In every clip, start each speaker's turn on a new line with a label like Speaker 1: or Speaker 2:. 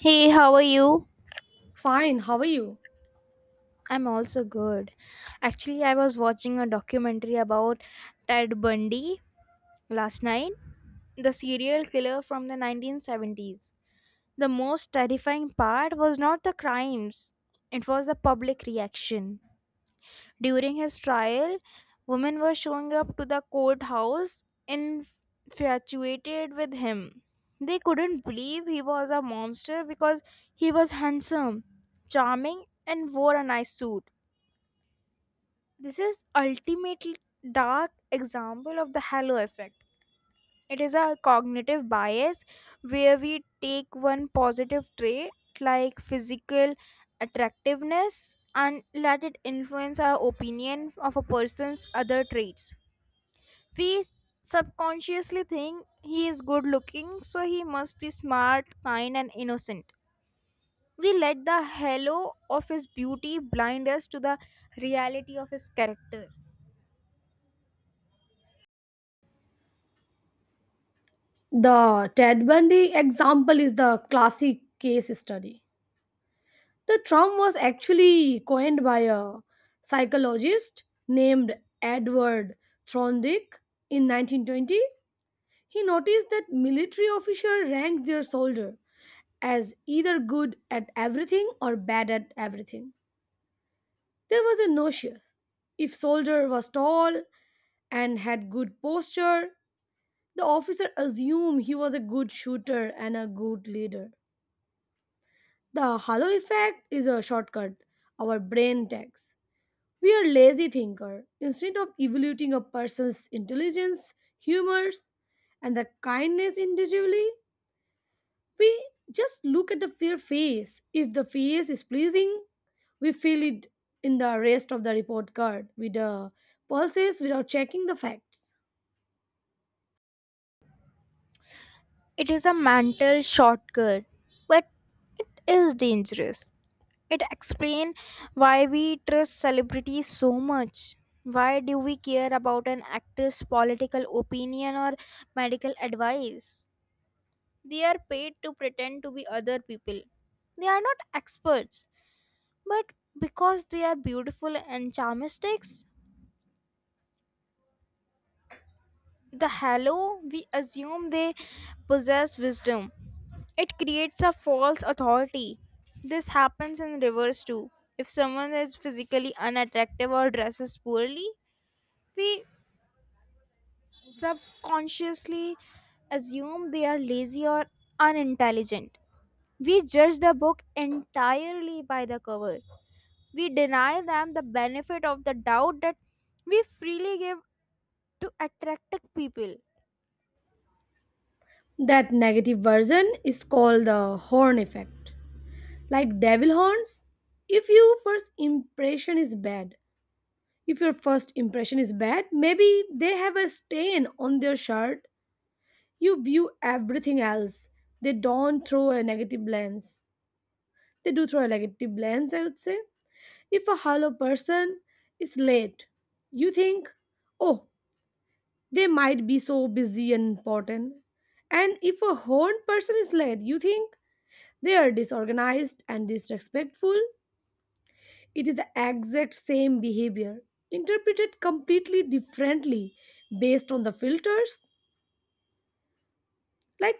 Speaker 1: Hey, how are you?
Speaker 2: Fine, how are you?
Speaker 1: I'm also good. Actually, I was watching a documentary about Ted Bundy last night, the serial killer from the 1970s. The most terrifying part was not the crimes, it was the public reaction. During his trial, women were showing up to the courthouse infatuated with him. They couldn't believe he was a monster because he was handsome, charming, and wore a nice suit. This is ultimately dark example of the halo effect. It is a cognitive bias where we take one positive trait like physical attractiveness and let it influence our opinion of a person's other traits. We subconsciously think he is good looking, so he must be smart, kind, and innocent. We let the halo of his beauty blind us to the reality of his character.
Speaker 2: The Ted Bundy example is the classic case study. The term was actually coined by a psychologist named Edward Thorndike in 1920. He noticed that military officers ranked their soldier as either good at everything or bad at everything. There was a notion if soldier was tall and had good posture. The officer assumed he was a good shooter and a good leader. The halo effect is a shortcut our brain takes. We are lazy thinker. Instead of evaluating a person's intelligence, humors, and the kindness individually, we just look at the fair face. If the face is pleasing, we fill it in the rest of the report card with the pulses without checking the facts.
Speaker 1: It is a mental shortcut, but it is dangerous. It explain why we trust celebrities so much. Why do we care about an actor's political opinion or medical advice? They are paid to pretend to be other people. They are not experts, but because they are beautiful and charmistics, the hello, we assume they possess wisdom. It creates a false authority. This happens in reverse too. If someone is physically unattractive or dresses poorly, we subconsciously assume they are lazy or unintelligent. We judge the book entirely by the cover. We deny them the benefit of the doubt that we freely give to attractive people.
Speaker 2: That negative version is called the horn effect. Like devil horns. If your first impression is bad, if your first impression is bad, maybe they have a stain on their shirt. You view everything else, they don't throw a negative lens. They do throw a negative lens, I would say. If a hollow person is late, you think, oh, they might be so busy and important. And if a horned person is late, you think they are disorganized and disrespectful. It is the exact same behavior, interpreted completely differently based on the filters. Like,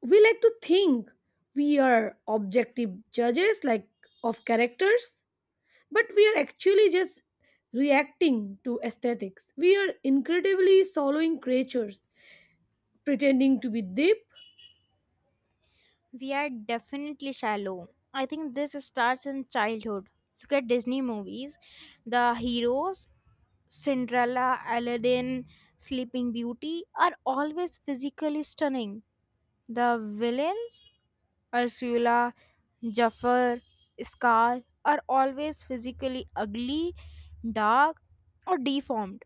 Speaker 2: we like to think we are objective judges, like, of characters, but we are actually just reacting to aesthetics. We are incredibly swallowing creatures, pretending to be deep.
Speaker 1: We are definitely shallow. I think this starts in childhood. Look at Disney movies. The heroes, Cinderella, Aladdin, Sleeping Beauty, are always physically stunning. The villains, Ursula, Jafar, Scar, are always physically ugly, dark, or deformed.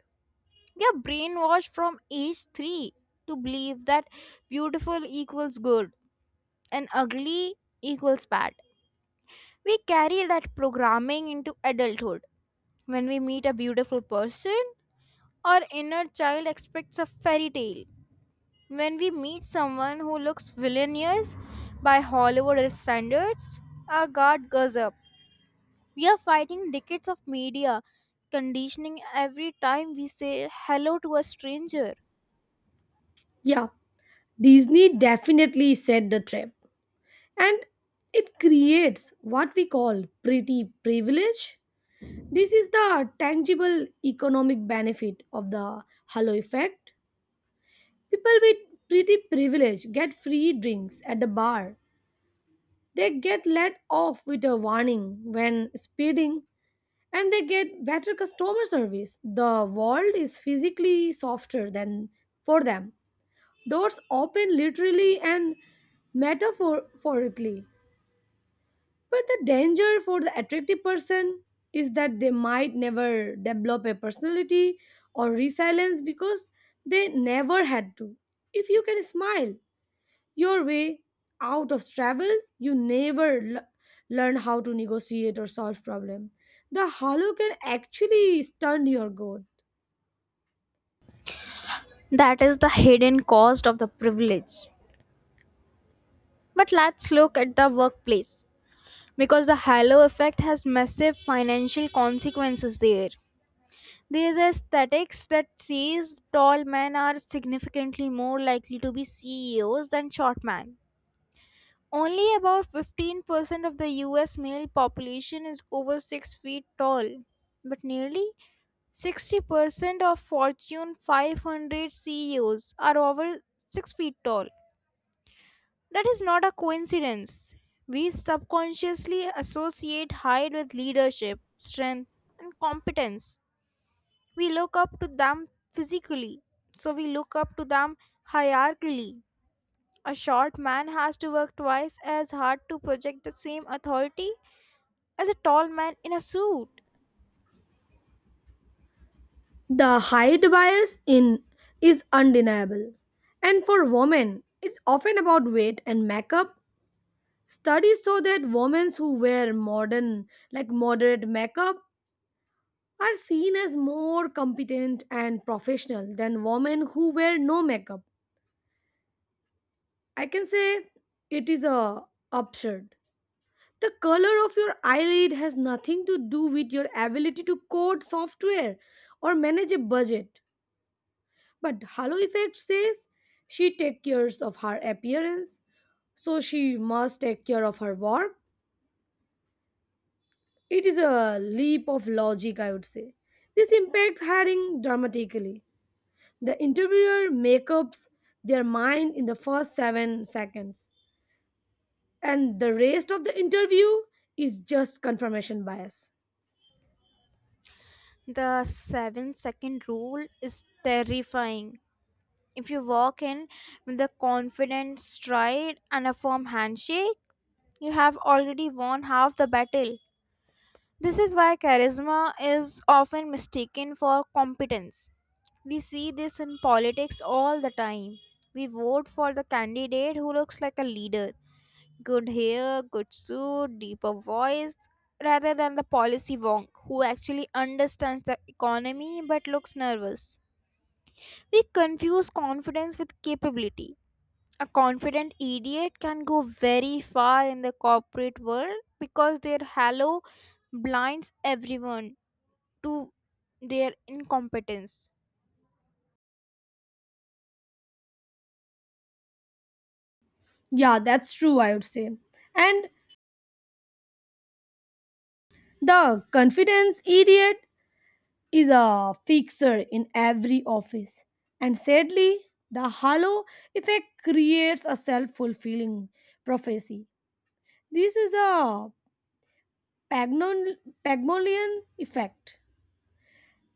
Speaker 1: We are brainwashed from age 3 to believe that beautiful equals good and ugly equals bad. We carry that programming into adulthood. When we meet a beautiful person, our inner child expects a fairy tale. When we meet someone who looks villainous by Hollywood standards, our guard goes up. We are fighting decades of media conditioning every time we say hello to a stranger.
Speaker 2: Yeah, Disney definitely set the trap. And it creates what we call pretty privilege. This is the tangible economic benefit of the halo effect. People with pretty privilege get free drinks at the bar. They get let off with a warning when speeding and they get better customer service. The world is physically softer than for them. Doors open literally and metaphorically. But the danger for the attractive person is that they might never develop a personality or resilience because they never had to. If you can smile your way out of trouble, you never learn how to negotiate or solve problem. The hollow can actually stunt your growth.
Speaker 1: That is the hidden cost of the privilege. But let's look at the workplace because the halo effect has massive financial consequences there. These aesthetics that says tall men are significantly more likely to be CEOs than short men. Only about 15% of the US male population is over 6 feet tall, but nearly 60% of Fortune 500 CEOs are over 6 feet tall. That is not a coincidence. We subconsciously associate height with leadership, strength, and competence. We look up to them physically, so we look up to them hierarchically. A short man has to work twice as hard to project the same authority as a tall man in a suit.
Speaker 2: The height bias in is undeniable. And for women, it's often about weight and makeup. Studies show that women who wear modern, like moderate makeup, are seen as more competent and professional than women who wear no makeup. I can say it is a absurd. The color of your eyelid has nothing to do with your ability to code software or manage a budget. But Halo Effect says she takes care of her appearance, so she must take care of her work. It is a leap of logic, I would say. This impacts hiring dramatically. The interviewer makeups their mind in the first 7 seconds, and the rest of the interview is just confirmation bias.
Speaker 1: The 7-second rule is terrifying. If you walk in with a confident stride and a firm handshake, you have already won half the battle. This is why charisma is often mistaken for competence. We see this in politics all the time. We vote for the candidate who looks like a leader, good hair, good suit, deeper voice, rather than the policy wonk who actually understands the economy but looks nervous. We confuse confidence with capability. A confident idiot can go very far in the corporate world because their halo blinds everyone to their incompetence.
Speaker 2: Yeah, that's true, I would say. And the confidence idiot is a fixer in every office. And sadly, the halo effect creates a self fulfilling prophecy. This is a Pagnon- Pygmalion effect.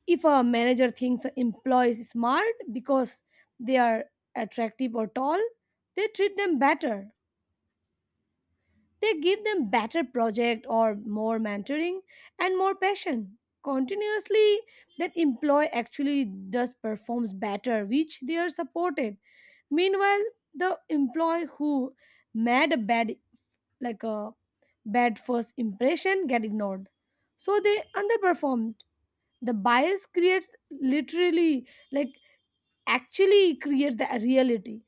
Speaker 2: If a manager thinks employees is smart because they are attractive or tall, they treat them better. They give them better project or more mentoring and more passion. Continuously, that employee actually does performs better, which they are supported. Meanwhile, the employee who made a bad like a bad first impression get ignored, so they underperformed. The bias creates literally, like, actually create the reality.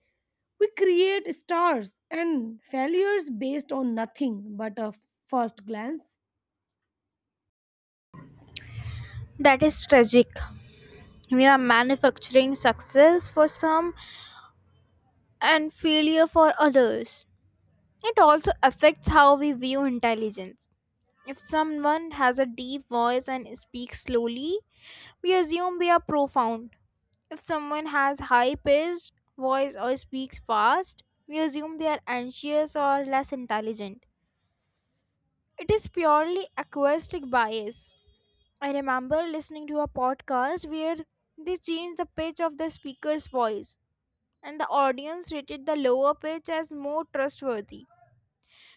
Speaker 2: We create stars and failures based on nothing but a first glance.
Speaker 1: That is tragic. We are manufacturing success for some and failure for others. It also affects how we view intelligence. If someone has a deep voice and speaks slowly, we assume they are profound. If someone has high pitched voice or speaks fast, we assume they are anxious or less intelligent. It is purely acoustic bias. I remember listening to a podcast where they changed the pitch of the speaker's voice, and the audience rated the lower pitch as more trustworthy.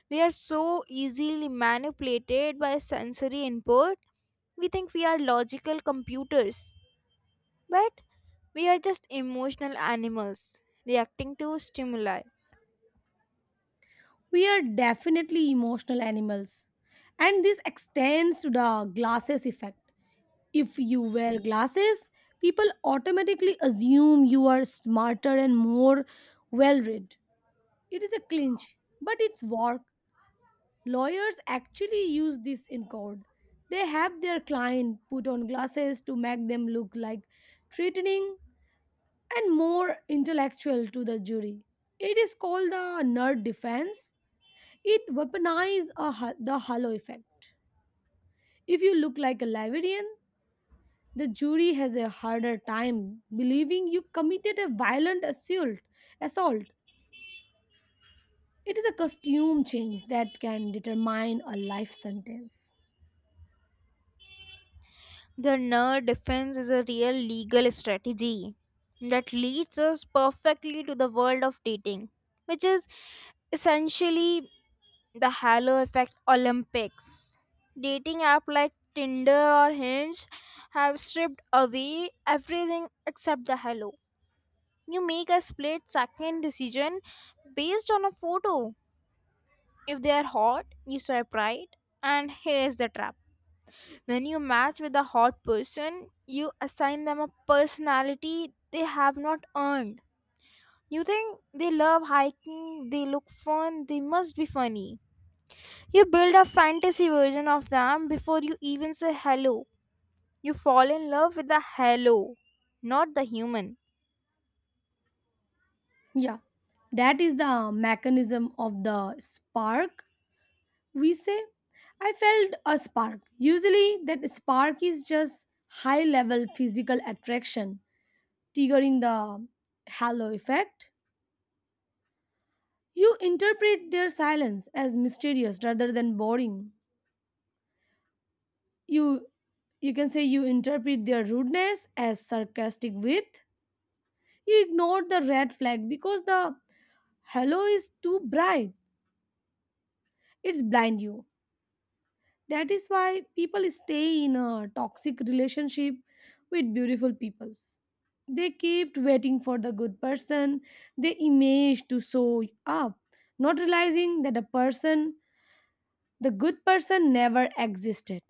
Speaker 1: We are so easily manipulated by sensory input. We think we are logical computers, but we are just emotional animals reacting to stimuli.
Speaker 2: We are definitely emotional animals. And this extends to the glasses effect. If you wear glasses, people automatically assume you are smarter and more well read. It is a clinch, but it's work. Lawyers actually use this in court. They have their client put on glasses to make them look like threatening and more intellectual to the jury. It is called the nerd defense. It weaponizes the halo effect. If you look like a librarian, the jury has a harder time believing you committed a violent assault. It is a costume change that can determine a life sentence.
Speaker 1: The nerd defense is a real legal strategy that leads us perfectly to the world of dating, which is essentially the halo effect olympics. Dating app like tinder or hinge have stripped away everything except the halo. You make a split second decision based on a photo. If they are hot, you swipe right. And here's the trap: when you match with a hot person, you assign them a personality they have not earned. You think they love hiking, they look fun, they must be funny. You build a fantasy version of them before you even say hello. You fall in love with the hello, not the human.
Speaker 2: Yeah, that is the mechanism of the spark, we say. I felt a spark. Usually, that spark is just high level physical attraction, triggering the halo effect. You interpret their silence as mysterious rather than boring. You you can say you interpret their rudeness as sarcastic wit. You ignore the red flag because the halo is too bright. It's blind you. That is why people stay in a toxic relationship with beautiful peoples. They keep waiting for the good person, the image to show up, not realizing that the person, the good person, never existed.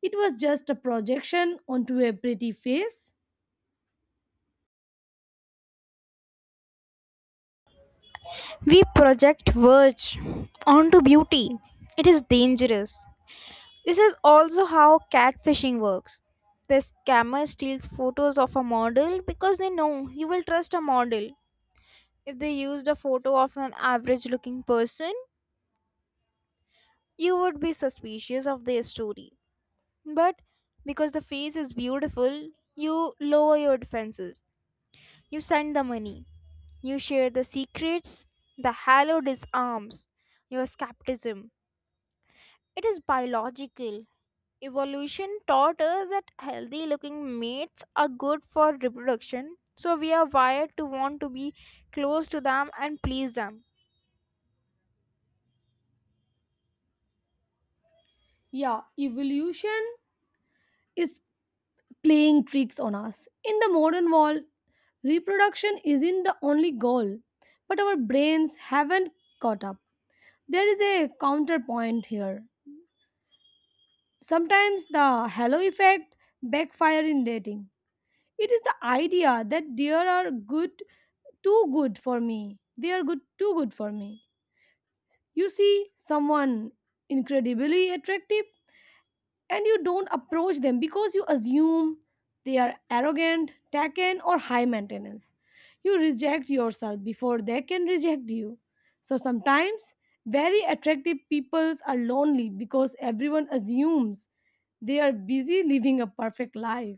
Speaker 2: It was just a projection onto a pretty face.
Speaker 1: We project verge onto beauty. It is dangerous. This is also how catfishing works. The scammer steals photos of a model because they know you will trust a model. If they used a photo of an average looking person, you would be suspicious of their story. But because the face is beautiful, you lower your defenses. You send the money. You share the secrets. The halo disarms your skepticism. It is biological. Evolution taught us that healthy looking mates are good for reproduction. So we are wired to want to be close to them and please them.
Speaker 2: Yeah, evolution is playing tricks on us. In the modern world, reproduction isn't the only goal, but our brains haven't caught up. There is a counterpoint here. Sometimes the halo effect backfire in dating. It is the idea that they are good too good for me. They are good too good for me. You see someone incredibly attractive and you don't approach them because you assume they are arrogant, taken, or high maintenance. You reject yourself before they can reject you. So sometimes very attractive peoples are lonely because everyone assumes they are busy living a perfect life.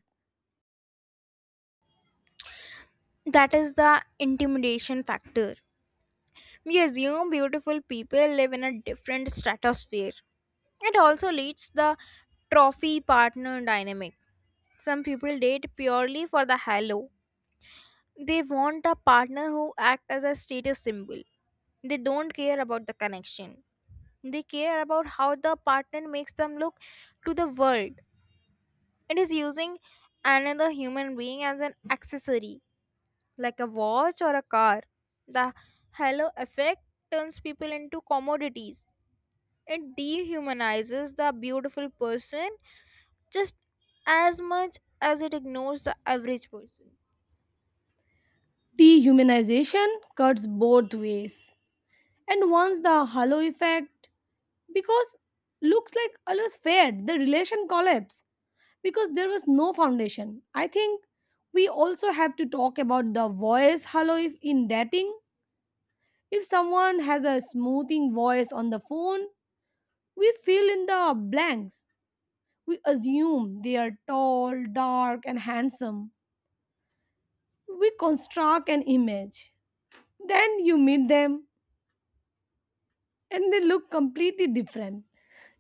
Speaker 1: That is the intimidation factor. We assume beautiful people live in a different stratosphere. It also leads the trophy partner dynamic. Some people date purely for the halo. They want a partner who acts as a status symbol. They don't care about the connection. They care about how the partner makes them look to the world. It is using another human being as an accessory, like a watch or a car. The halo effect turns people into commodities. It dehumanizes the beautiful person just as much as it ignores the average person.
Speaker 2: Dehumanization cuts both ways. And once the halo effect, because looks like always fair, the relation collapse, because there was no foundation. I think we also have to talk about the voice hello if in dating. If someone has a smoothing voice on the phone, we fill in the blanks. We assume they are tall, dark, and handsome. We construct an image. Then you meet them and they look completely different.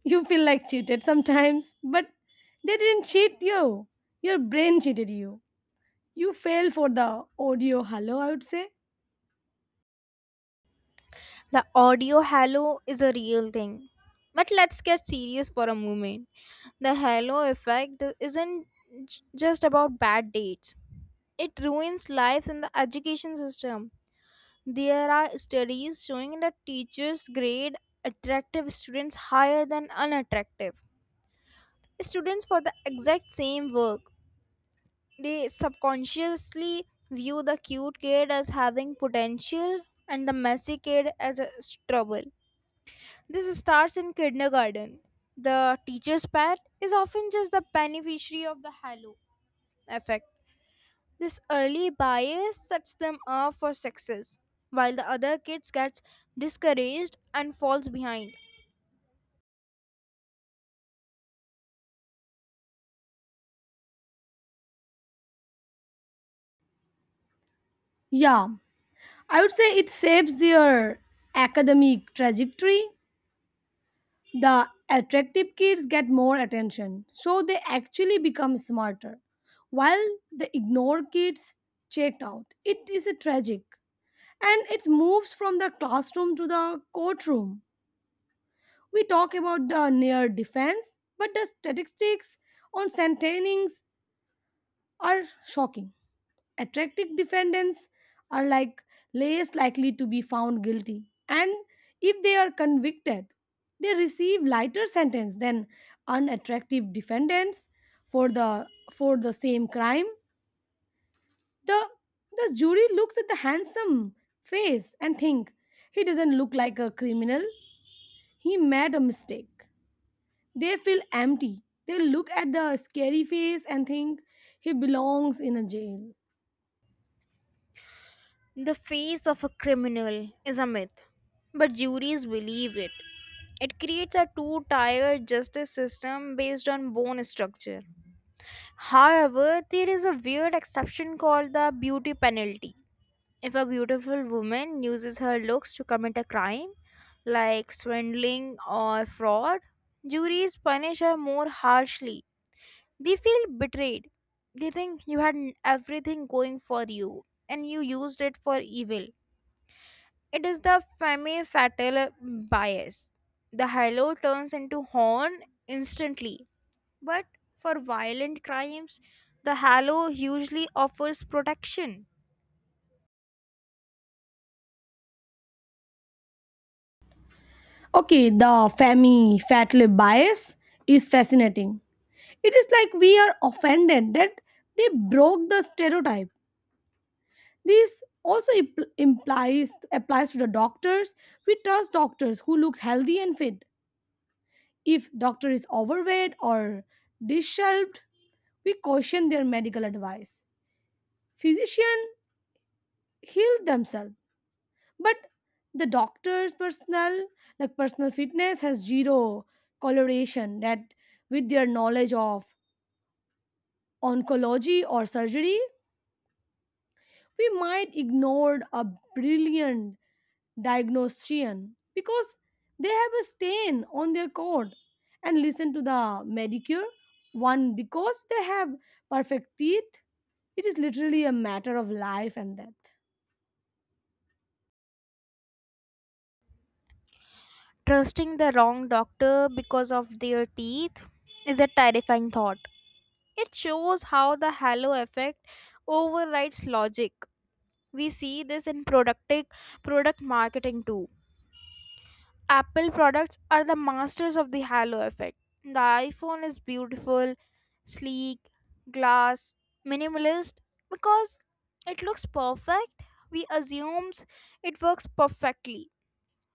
Speaker 2: You feel like cheated sometimes, but they didn't cheat you. Your brain cheated you. You fell for the audio hello, I would say.
Speaker 1: The audio halo is a real thing. But let's get serious for a moment. The halo effect isn't just about bad dates, it ruins lives in the education system. There are studies showing that teachers grade attractive students higher than unattractive students for the exact same work. They subconsciously view the cute kid as having potential and the messy kid as a trouble. This starts in kindergarten. The teacher's pet is often just the beneficiary of the halo effect. This early bias sets them up for success, while the other kids gets discouraged and falls behind.
Speaker 2: Yeah, I would say it saves their academic trajectory. The attractive kids get more attention, so they actually become smarter, while the ignored kids checked out. It is a tragic. And it moves from the classroom to the courtroom. We talk about the near defense, but the statistics on sentencings are shocking. Attractive defendants are, like, less likely to be found guilty, and if they are convicted, they receive lighter sentence than unattractive defendants for the for the same crime. The the jury looks at the handsome face and think he doesn't look like a criminal. He made a mistake. They feel empty. They look at the scary face and think he belongs in a jail.
Speaker 1: The face of a criminal is a myth, but juries believe it. It creates a two tier justice system based on bone structure. However, there is a weird exception called the beauty penalty. If a beautiful woman uses her looks to commit a crime, like swindling or fraud, juries punish her more harshly. They feel betrayed. They think you had everything going for you and you used it for evil. It is the femme fatale bias. The hello turns into horn instantly, but for violent crimes, the halo usually offers protection.
Speaker 2: Okay, the Femi fat lip bias is fascinating. It is like we are offended that they broke the stereotype. This also implies applies to the doctors. We trust doctors who looks healthy and fit. If doctor is overweight or disheveled, we caution their medical advice. Physician heal themselves. But the doctor's personal fitness has zero correlation that with their knowledge of oncology or surgery. We might ignored a brilliant diagnostician because they have a stain on their code and listen to the medicure one because they have perfect teeth. It is literally a matter of life and death.
Speaker 1: Trusting the wrong doctor because of their teeth is a terrifying thought. It shows how the halo effect overrides logic. We see this in productive product marketing too. Apple products are the masters of the halo effect. The iPhone is beautiful, sleek, glass, minimalist, because it looks perfect. We assumes it works perfectly.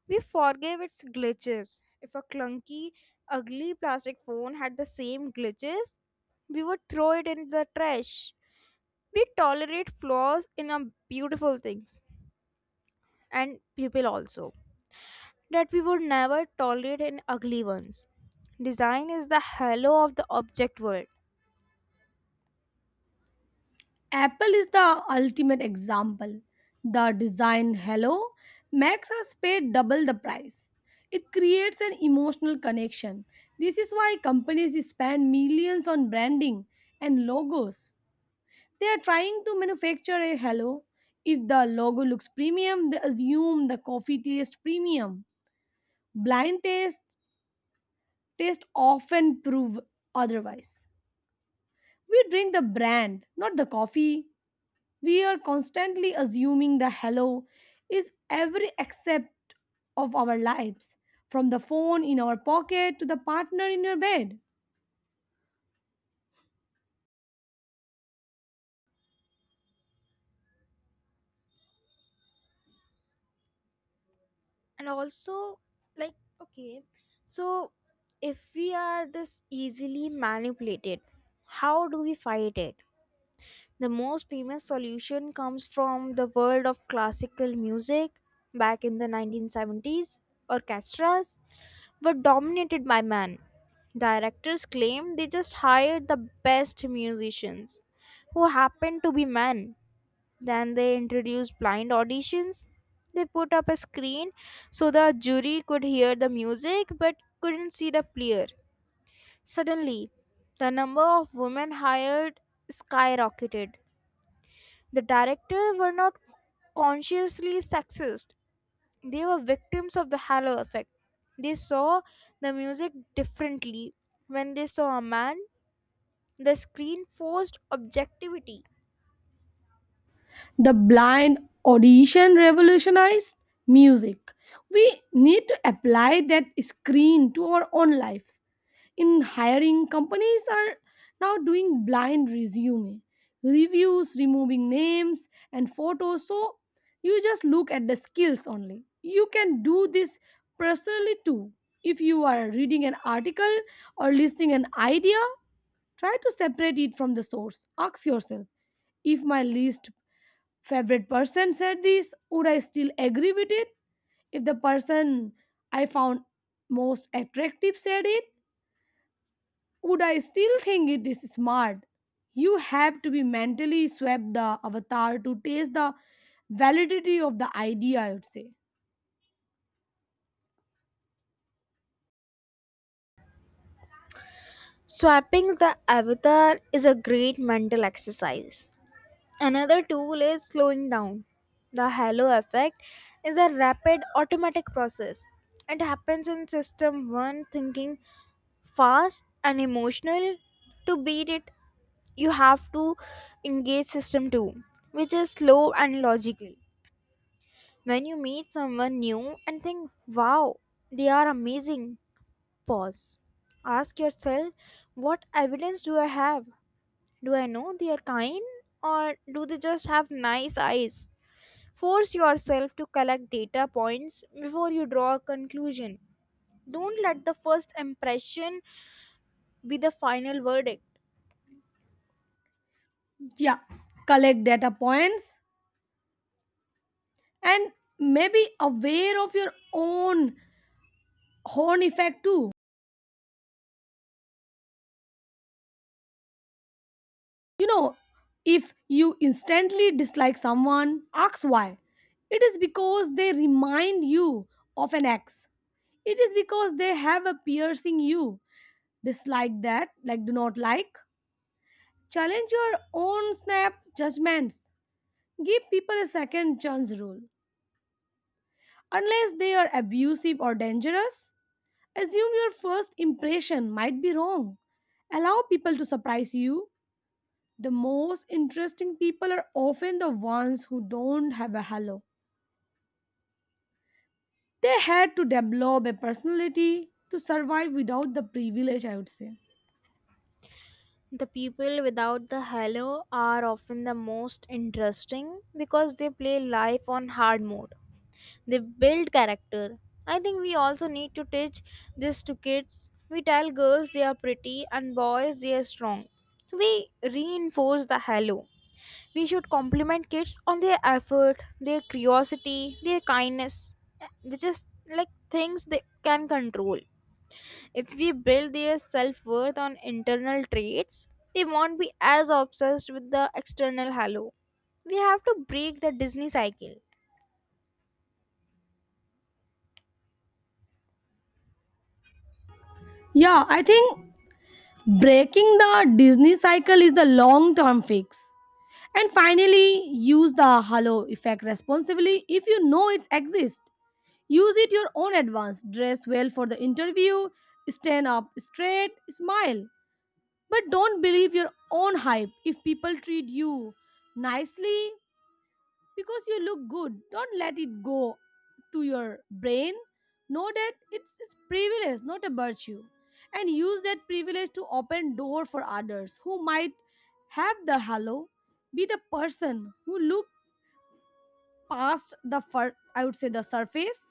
Speaker 1: We forgive its glitches. If a clunky, ugly plastic phone had the same glitches, we would throw it in the trash. We tolerate flaws in our beautiful things and people also that we would never tolerate in ugly ones. Design is the halo of the object world.
Speaker 2: Apple is the ultimate example. The design Hello makes us pay double the price. It creates an emotional connection. This is why companies spend millions on branding and logos. They are trying to manufacture a Hello. If the logo looks premium, they assume the coffee tastes premium. Blind taste often prove otherwise. We drink the brand, not the coffee. We are constantly assuming the hello is every accept of our lives, from the phone in our pocket to the partner in your bed.
Speaker 1: And also, like, okay, so if we are this easily manipulated, how do we fight it? The most famous solution comes from the world of classical music. Back in the 1970s, orchestras, were dominated by men. Directors claimed they just hired the best musicians who happened to be men. Then they introduced blind auditions. They put up a screen so the jury could hear the music but couldn't see the player. Suddenly, the number of women hired skyrocketed. The directors were not consciously sexist, they were victims of the halo effect. They saw the music differently. When they saw a man, the screen forced objectivity.
Speaker 2: The blind audition revolutionized music. We need to apply that screen to our own lives. In hiring, companies are now doing blind resume reviews, removing names and photos, so you just look at the skills only. You can do this personally too. If you are reading an article or listing an idea, try to separate it from the source. Ask yourself, if my least favorite person said this, would I still agree with it? If the person I found most attractive said it, would I still think it is smart? You have to be mentally swept the avatar to taste the validity of the idea, I would say.
Speaker 1: Swapping the avatar is a great mental exercise. Another tool is slowing down. The halo effect is a rapid automatic process. It happens in system 1 thinking, fast and emotional. To beat it, you have to engage system 2, which is slow and logical. When you meet someone new and think, wow, they are amazing, pause. Ask yourself, what evidence do I have? Do I know they are kind, or do they just have nice eyes? Force yourself to collect data points before you draw a conclusion. Don't let the first impression be the final verdict.
Speaker 2: Yeah, collect data points and maybe aware of your own horn effect too. You know, if you instantly dislike someone, ask why. It is because they remind you of an ex. It is because they have a piercing you dislike that, like, do not like. Challenge your own snap judgments. Give people a second chance rule. Unless they are abusive or dangerous, assume your first impression might be wrong. Allow people to surprise you. The most interesting people are often the ones who don't have a halo. They had to develop a personality to survive without the privilege, I would say.
Speaker 1: The people without the halo are often the most interesting because they play life on hard mode. They build character. I think we also need to teach this to kids. We tell girls they are pretty and boys they are strong. We reinforce the halo. We should compliment kids on their effort, their curiosity, their kindness, which is like things they can control. If we build their self worth on internal traits, they won't be as obsessed with the external halo. We have to break the Disney cycle.
Speaker 2: Yeah, I think breaking the Disney cycle is the long term fix. And finally, use the halo effect responsibly if you know it exists. Use it your own advance. Dress well for the interview, stand up straight, smile. But don't believe your own hype if people treat you nicely because you look good. Don't let it go to your brain. Know that it's privilege, not a virtue. And use that privilege to open door for others who might have the halo. Be the person who look past the fur, I would say, the surface.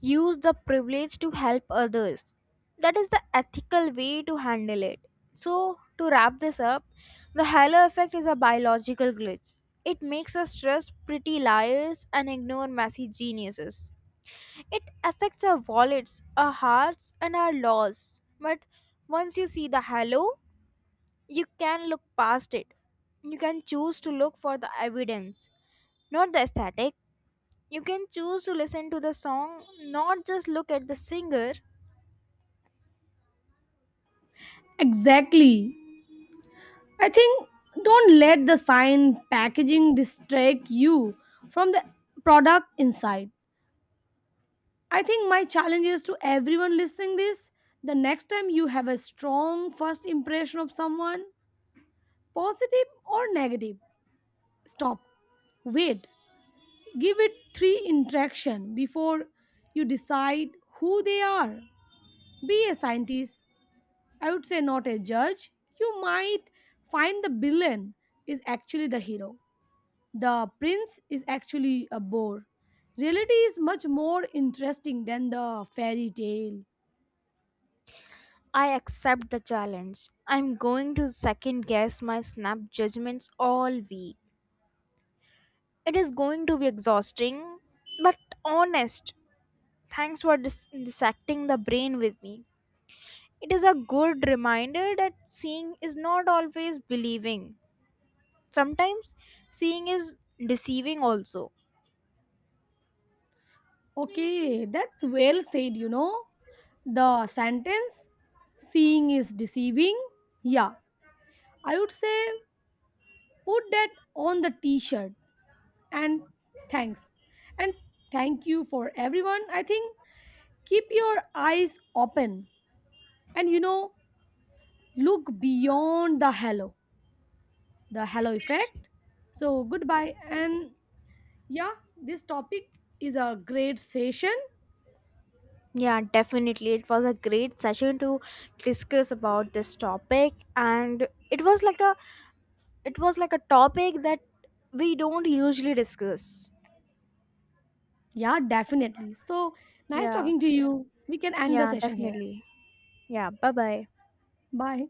Speaker 1: Use the privilege to help others. That is the ethical way to handle it. So, to wrap this up, the halo effect is a biological glitch. It makes us trust pretty liars and ignore messy geniuses. It affects our wallets, our hearts, and our laws. But once you see the halo, you can look past it. You can choose to look for the evidence, not the aesthetic. You can choose to listen to the song, not just look at the singer.
Speaker 2: Exactly. I think don't let the sign packaging distract you from the product inside. I think my challenge is to everyone listening this. The next time you have a strong first impression of someone, positive or negative, stop, wait, give it three interaction before you decide who they are. Be a scientist, I would say, not a judge. You might find the villain is actually the hero. The prince is actually a bore. Reality is much more interesting than the fairy tale.
Speaker 1: I accept the challenge. I'm going to second guess my snap judgments all week. It is going to be exhausting, but honest. Thanks for dissecting the brain with me. It is a good reminder that seeing is not always believing. Sometimes seeing is deceiving also.
Speaker 2: Okay, that's well said, you know. The sentence, seeing is deceiving. Yeah, I would say put that on the t shirt, and thanks. And thank you for everyone. I think keep your eyes open. And you know, look beyond the halo effect. So goodbye. And yeah, this topic is a great session.
Speaker 1: Yeah, definitely. It was a great session to discuss about this topic, and it was like a topic that we don't usually discuss.
Speaker 2: Yeah, definitely. So nice
Speaker 1: Yeah.
Speaker 2: talking to you. We can end the
Speaker 1: Yeah,
Speaker 2: session here.
Speaker 1: definitely. Yeah, bye-bye.
Speaker 2: Bye.